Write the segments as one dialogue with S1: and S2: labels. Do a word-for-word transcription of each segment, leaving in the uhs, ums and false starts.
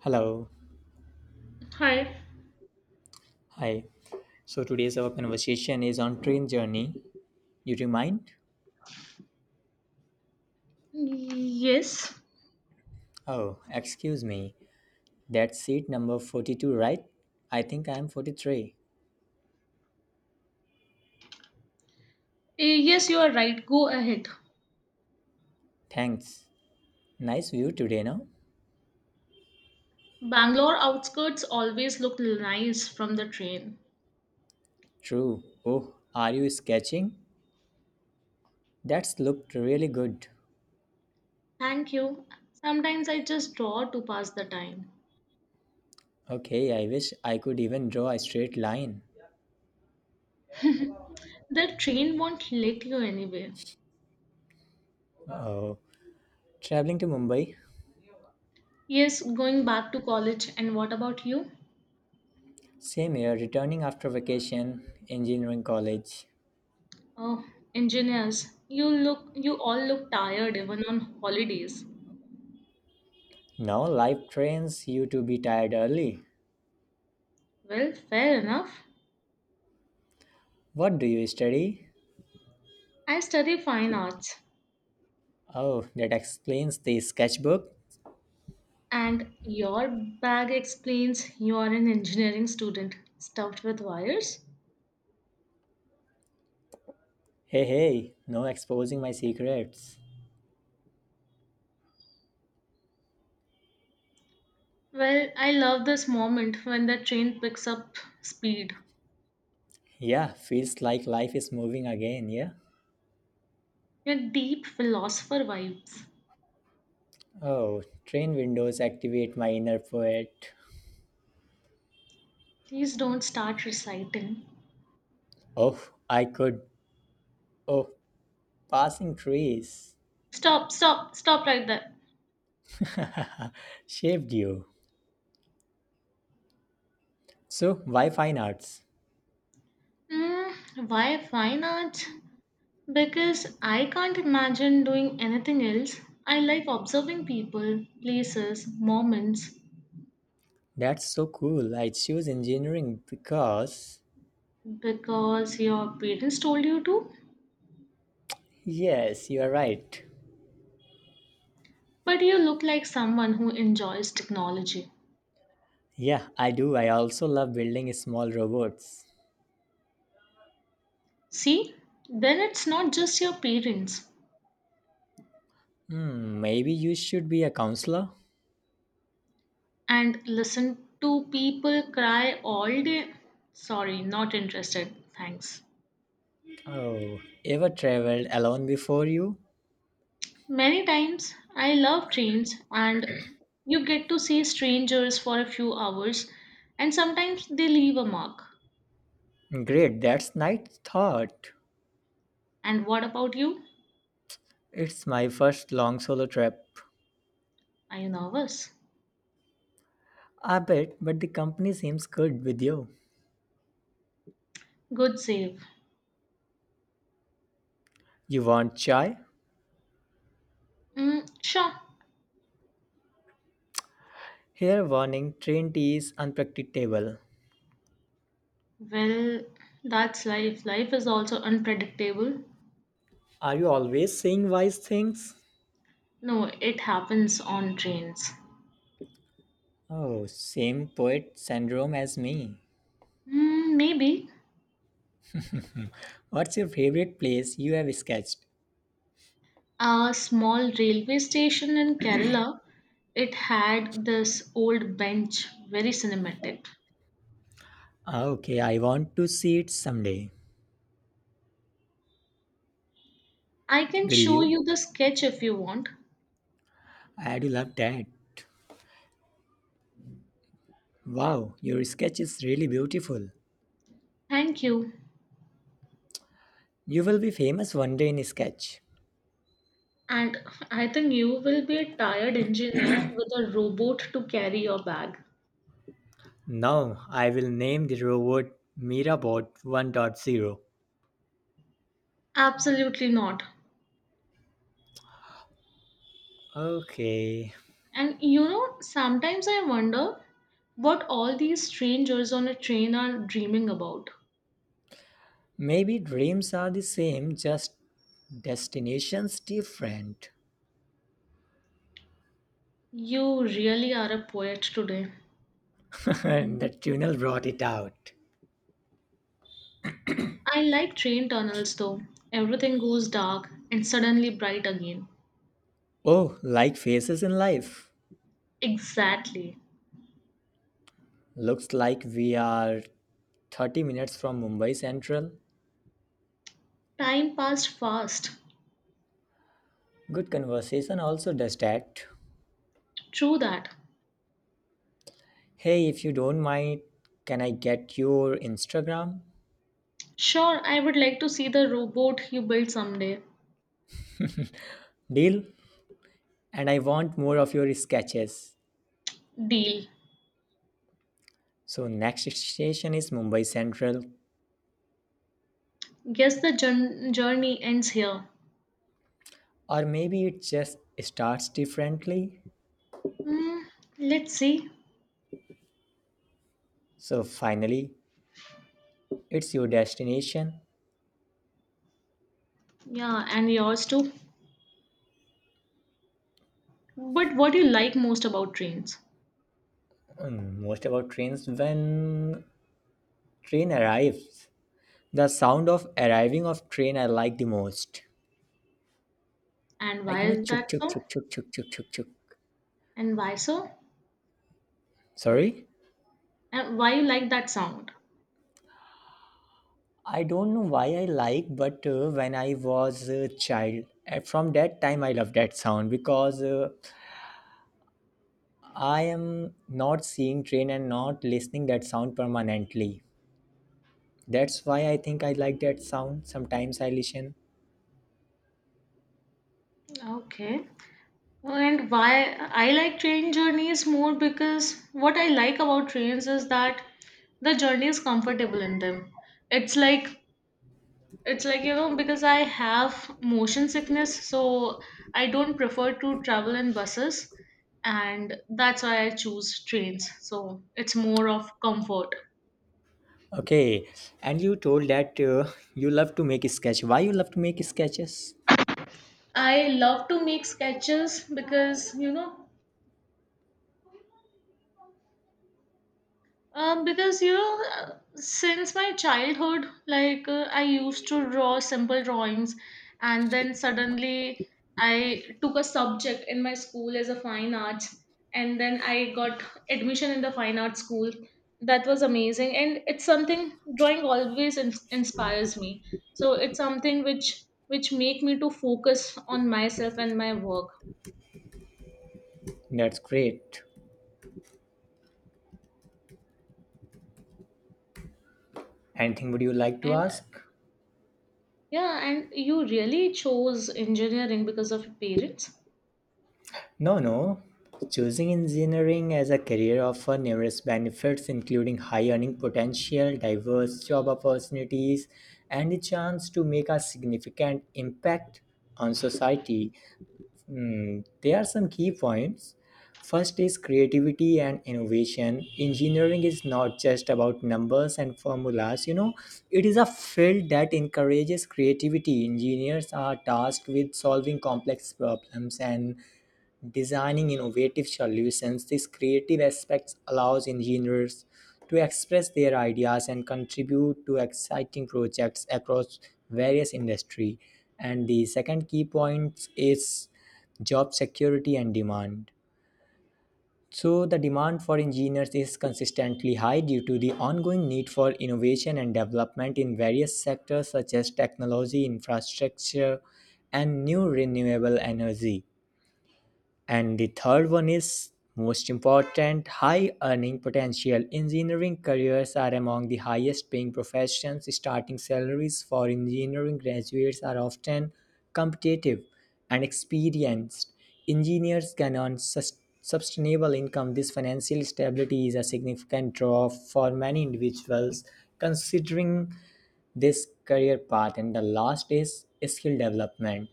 S1: Hello.
S2: Hi.
S1: Hi. So today's our conversation is on train journey. You remind,
S2: Yes.
S1: oh, excuse me. That's seat number forty-two, right? I think I am forty-three.
S2: Eh, Yes, you are right. Go ahead.
S1: Thanks. Nice view today, no?
S2: Bangalore outskirts always look nice from the train.
S1: True. Oh, are you sketching? That's looked really good.
S2: Thank you. Sometimes I just draw to pass the time.
S1: Okay, I wish I could even draw a straight line.
S2: The train won't let you anywhere.
S1: Oh, traveling to Mumbai.
S2: Yes, going back to college. And what about you?
S1: Same here. Returning after vacation, engineering college.
S2: Oh, engineers. You look you all look tired even on holidays.
S1: Now life trains you to be tired early.
S2: Well, fair enough.
S1: What do you study?
S2: I study fine arts.
S1: Oh, that explains the sketchbook.
S2: And your bag explains you are an engineering student stuffed with wires.
S1: Hey, hey, no exposing my secrets.
S2: Well, I love this moment when the train picks up speed.
S1: Yeah, feels like life is moving again, yeah?
S2: Your deep philosopher vibes.
S1: Oh, train windows activate my inner poet.
S2: Please don't start reciting.
S1: Oh, I could. Oh, passing trees.
S2: Stop, stop, stop right there.
S1: Shaped you. So, why fine arts?
S2: Mm, why fine arts? Because I can't imagine doing anything else. I like observing people, places, moments
S1: That's so cool. I choose engineering because.
S2: because your parents told you to.
S1: Yes, you are right.
S2: But you look like someone who enjoys technology.
S1: Yeah, I do. I also love building small robots.
S2: See, then it's not just your parents.
S1: Hmm, maybe you should be a counselor.
S2: And listen to people cry all day. Sorry, not interested. Thanks.
S1: Oh, ever traveled alone before you?
S2: Many times I love trains and you get to see strangers for a few hours and sometimes they leave a mark.
S1: Great, that's nice thought.
S2: And what about you?
S1: It's my first long solo trip.
S2: Are you nervous?
S1: I bet, but the company seems good with you.
S2: Good save.
S1: You want chai?
S2: Mm, sure.
S1: Here, warning, train tea is unpredictable.
S2: Well, that's life. Life is also unpredictable.
S1: Are you always saying wise things?
S2: No, it happens on trains.
S1: Oh, same poet syndrome as me.
S2: Hmm, maybe
S1: What's your favorite place you have sketched?
S2: a small railway station in Kerala. It had this old bench, very cinematic.
S1: Ah, okay, I want to see it someday.
S2: I can
S1: Will
S2: show
S1: you?
S2: you the sketch if you want.
S1: I do love that. Wow, your sketch is really beautiful.
S2: Thank you.
S1: You will be famous one day in sketch.
S2: And I think you will be a tired engineer with a robot to carry your bag.
S1: Now I will name the robot Mirabot 1.0.
S2: Absolutely not.
S1: Okay.
S2: And you know, sometimes I wonder what all these strangers on a train are dreaming about.
S1: Maybe dreams are the same, just destinations different.
S2: You really are a poet today.
S1: And the tunnel brought it out.
S2: I like train tunnels though. Everything goes dark and suddenly bright again.
S1: Oh, like faces in life.
S2: Exactly.
S1: Looks like we are thirty minutes from Mumbai Central.
S2: Time passed fast.
S1: Good conversation also does that.
S2: True that.
S1: Hey, if you don't mind, can I get your Instagram?
S2: Sure, I would like to see the robot you built someday.
S1: Deal? And I want more of your sketches.
S2: Deal.
S1: So, next station is Mumbai Central,
S2: Guess the jour- journey ends here.
S1: or maybe it just starts differently.
S2: Hmm, let's see.
S1: So, finally, it's your destination.
S2: Yeah, and yours too. But what do you like most about trains?
S1: Mm, most about trains when train arrives. The sound of arriving of train I like the most.
S2: And
S1: Like
S2: why
S1: you know,
S2: is
S1: chuk
S2: that
S1: chuk
S2: so?
S1: chuk chuk chuk chuk chuk chuk.
S2: And why so?
S1: Sorry?
S2: And why you like that sound?
S1: I don't know why I like, but uh, when I was a child, uh, from that time I love that sound because uh, I am not seeing train and not listening that sound permanently. That's why I think I like that sound. Sometimes I listen.
S2: Okay. And why I like train journeys more because what I like about trains is that the journey is comfortable in them. It's like it's like you know because I have motion sickness, so I don't prefer to travel in buses, and that's why I choose trains. So it's more of comfort.
S1: Okay, and you told that uh, you love to make sketch. Why you love to make sketches?
S2: I love to make sketches because you know Um, because you know, uh, since my childhood, like uh, I used to draw simple drawings, and then suddenly I took a subject in my school as a fine arts, and then I got admission in the fine arts school. That was amazing, and it's something drawing always in- inspires me. So it's something which which make me to focus on myself and my work.
S1: That's great. Anything would you like to
S2: And uh,
S1: ask?
S2: yeah, and you really chose engineering because of your parents.
S1: No, no. Choosing engineering as a career offers numerous benefits, including high earning potential, diverse job opportunities, and the chance to make a significant impact on society. Mm, there are some key points. First is creativity and innovation. Engineering is not just about numbers and formulas, you know, it is a field that encourages creativity. Engineers are tasked with solving complex problems and designing innovative solutions. This creative aspect allows engineers to express their ideas and contribute to exciting projects across various industry. And the second key point is job security and demand. So the demand for engineers is consistently high due to the ongoing need for innovation and development in various sectors such as technology, infrastructure, and new renewable energy. And the third one is most important high earning potential. Engineering careers are among the highest paying professions. Starting salaries for engineering graduates are often competitive and experienced. Engineers can earn sus- sustainable income. This financial stability is a significant draw for many individuals considering this career path. And the last is skill development.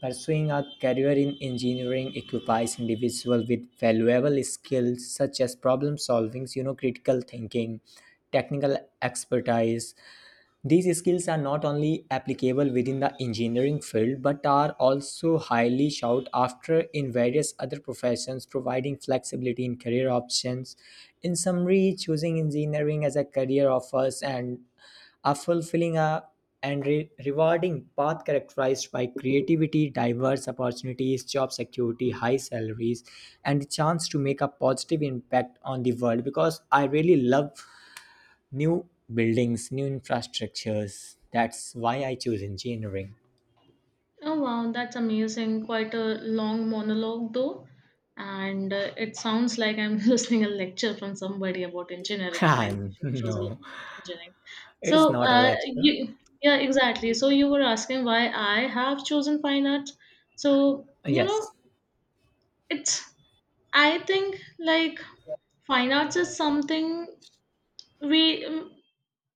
S1: Pursuing a career in engineering equips individuals with valuable skills such as problem solving, you know, critical thinking, technical expertise. These skills are not only applicable within the engineering field but are also highly sought after in various other professions, providing flexibility in career options. In summary, choosing engineering as a career offers and a fulfilling a and re- rewarding path characterized by creativity, diverse opportunities, job security, high salaries, and the chance to make a positive impact on the world. Because I really love new buildings, new infrastructures. That's why I choose engineering.
S2: Oh wow, that's amazing. Quite a long monologue though. And uh, it sounds like I'm listening a lecture from somebody about engineering, why
S1: Ah,
S2: we should choose a-
S1: no,
S2: engineering.
S1: it is
S2: So,
S1: not a
S2: uh,
S1: lecture.
S2: you, yeah, exactly. So you were asking why I have chosen fine arts. So, you know,
S1: Yes,
S2: it's, I think like fine arts is something we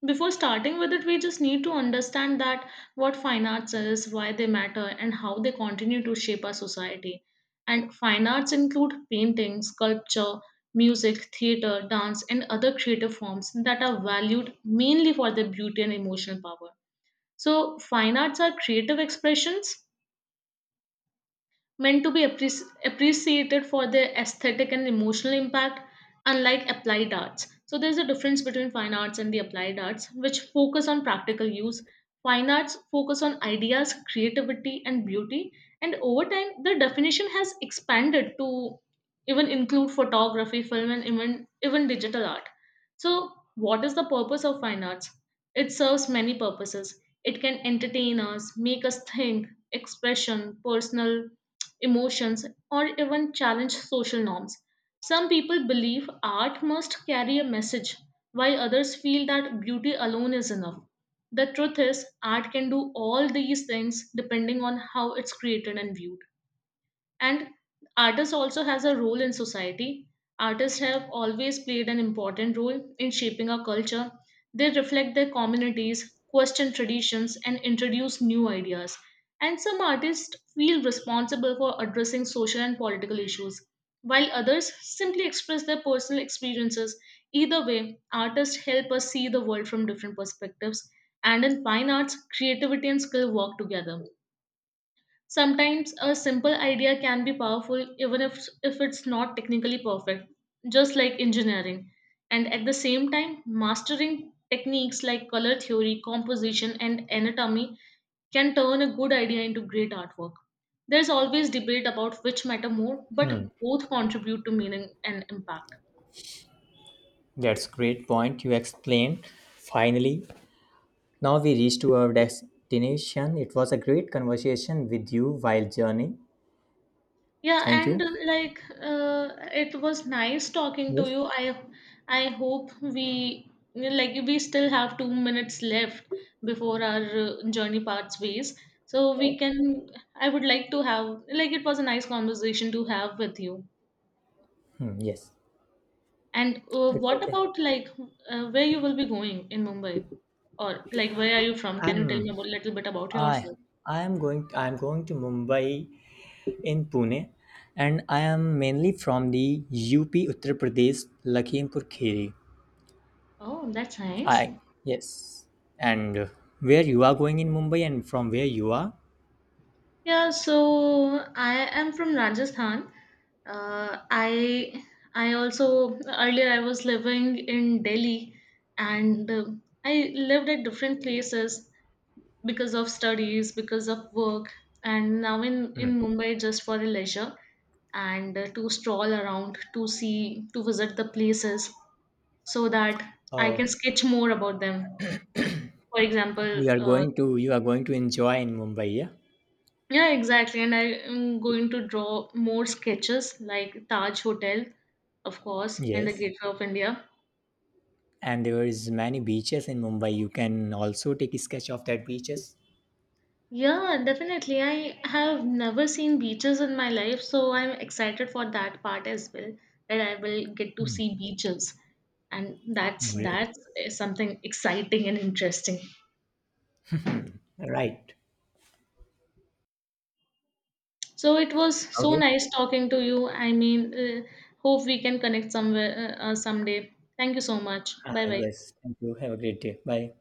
S2: before starting with it, we just need to understand that what fine arts is, why they matter, and how they continue to shape our society. And fine arts include painting, sculpture, music, theater, dance, and other creative forms that are valued mainly for their beauty and emotional power. So, fine arts are creative expressions meant to be appreci- appreciated for their aesthetic and emotional impact, unlike applied arts. So, there's a difference between fine arts and the applied arts, which focus on practical use. Fine arts focus on ideas, creativity, and beauty, and over time, the definition has expanded to even include photography, film, and even, even digital art. So, what is the purpose of fine arts? It serves many purposes. It can entertain us, make us think, expression, personal emotions, or even challenge social norms. Some people believe art must carry a message, while others feel that beauty alone is enough. The truth is, art can do all these things depending on how it's created and viewed, and artists also has a role in society. Artists have always played an important role in shaping our culture. They reflect their communities, question traditions and introduce new ideas, and some artists feel responsible for addressing social and political issues, while others simply express their personal experiences. Either way, artists help us see the world from different perspectives, and in fine arts creativity and skill work together. Sometimes a simple idea can be powerful even if, if it's not technically perfect, just like engineering. And at the same time, mastering techniques like color theory, composition, and anatomy can turn a good idea into great artwork. There's always debate about which matter more, but both contribute to meaning and impact.
S1: that's great point you explained. Finally, now we reach to our destination. It was a great conversation with you while journey.
S2: Yeah,
S1: Thank
S2: and
S1: you.
S2: uh, like uh, it was nice talking to
S1: Yes.
S2: you. I I hope we like we still have two minutes left before our uh, journey parts ways. So we can. I would like to have like it was a nice conversation to have with you.
S1: Hmm, yes.
S2: And uh,
S1: It's
S2: what
S1: okay.
S2: about like uh, where you will be going in Mumbai, or like where are you from? Can you tell
S1: I'm
S2: me a little bit about
S1: I
S2: yourself?
S1: I am going I am going to Mumbai in Pune, and I am mainly from the U P, Uttar Pradesh, Lakhimpur Khiri.
S2: Oh, that's nice.
S1: I Yes. And uh, where you are going in Mumbai and from where you are?
S2: Yeah, so I am from Rajasthan. Uh, I I also earlier I was living in Delhi, and uh, I lived at different places because of studies, because of work, and now in
S1: Hmm.
S2: in Mumbai just for a leisure and uh, to stroll around, to see, to visit the places, so that I
S1: Oh,
S2: can sketch more about them. For example,
S1: you are
S2: uh,
S1: going to you are going to enjoy in Mumbai, yeah?
S2: yeah, exactly. And I am going to draw more sketches like Taj Hotel, of course, and the
S1: Yes.
S2: Gateway of India.
S1: And there is many beaches in Mumbai. You can also take a sketch of that beaches.
S2: Yeah, definitely. I have never seen beaches in my life, so I'm excited for that part as well, that I will get to see beaches. And that's
S1: Great.
S2: that's eh, something exciting and interesting.
S1: Mhm. Right.
S2: So it was so
S1: Okay.
S2: nice talking to you. I mean, uh, hope we can connect somewhere uh, uh, someday. Thank you so much.
S1: Ah,
S2: Bye bye.
S1: yes. Thank you. Have a great day. Bye.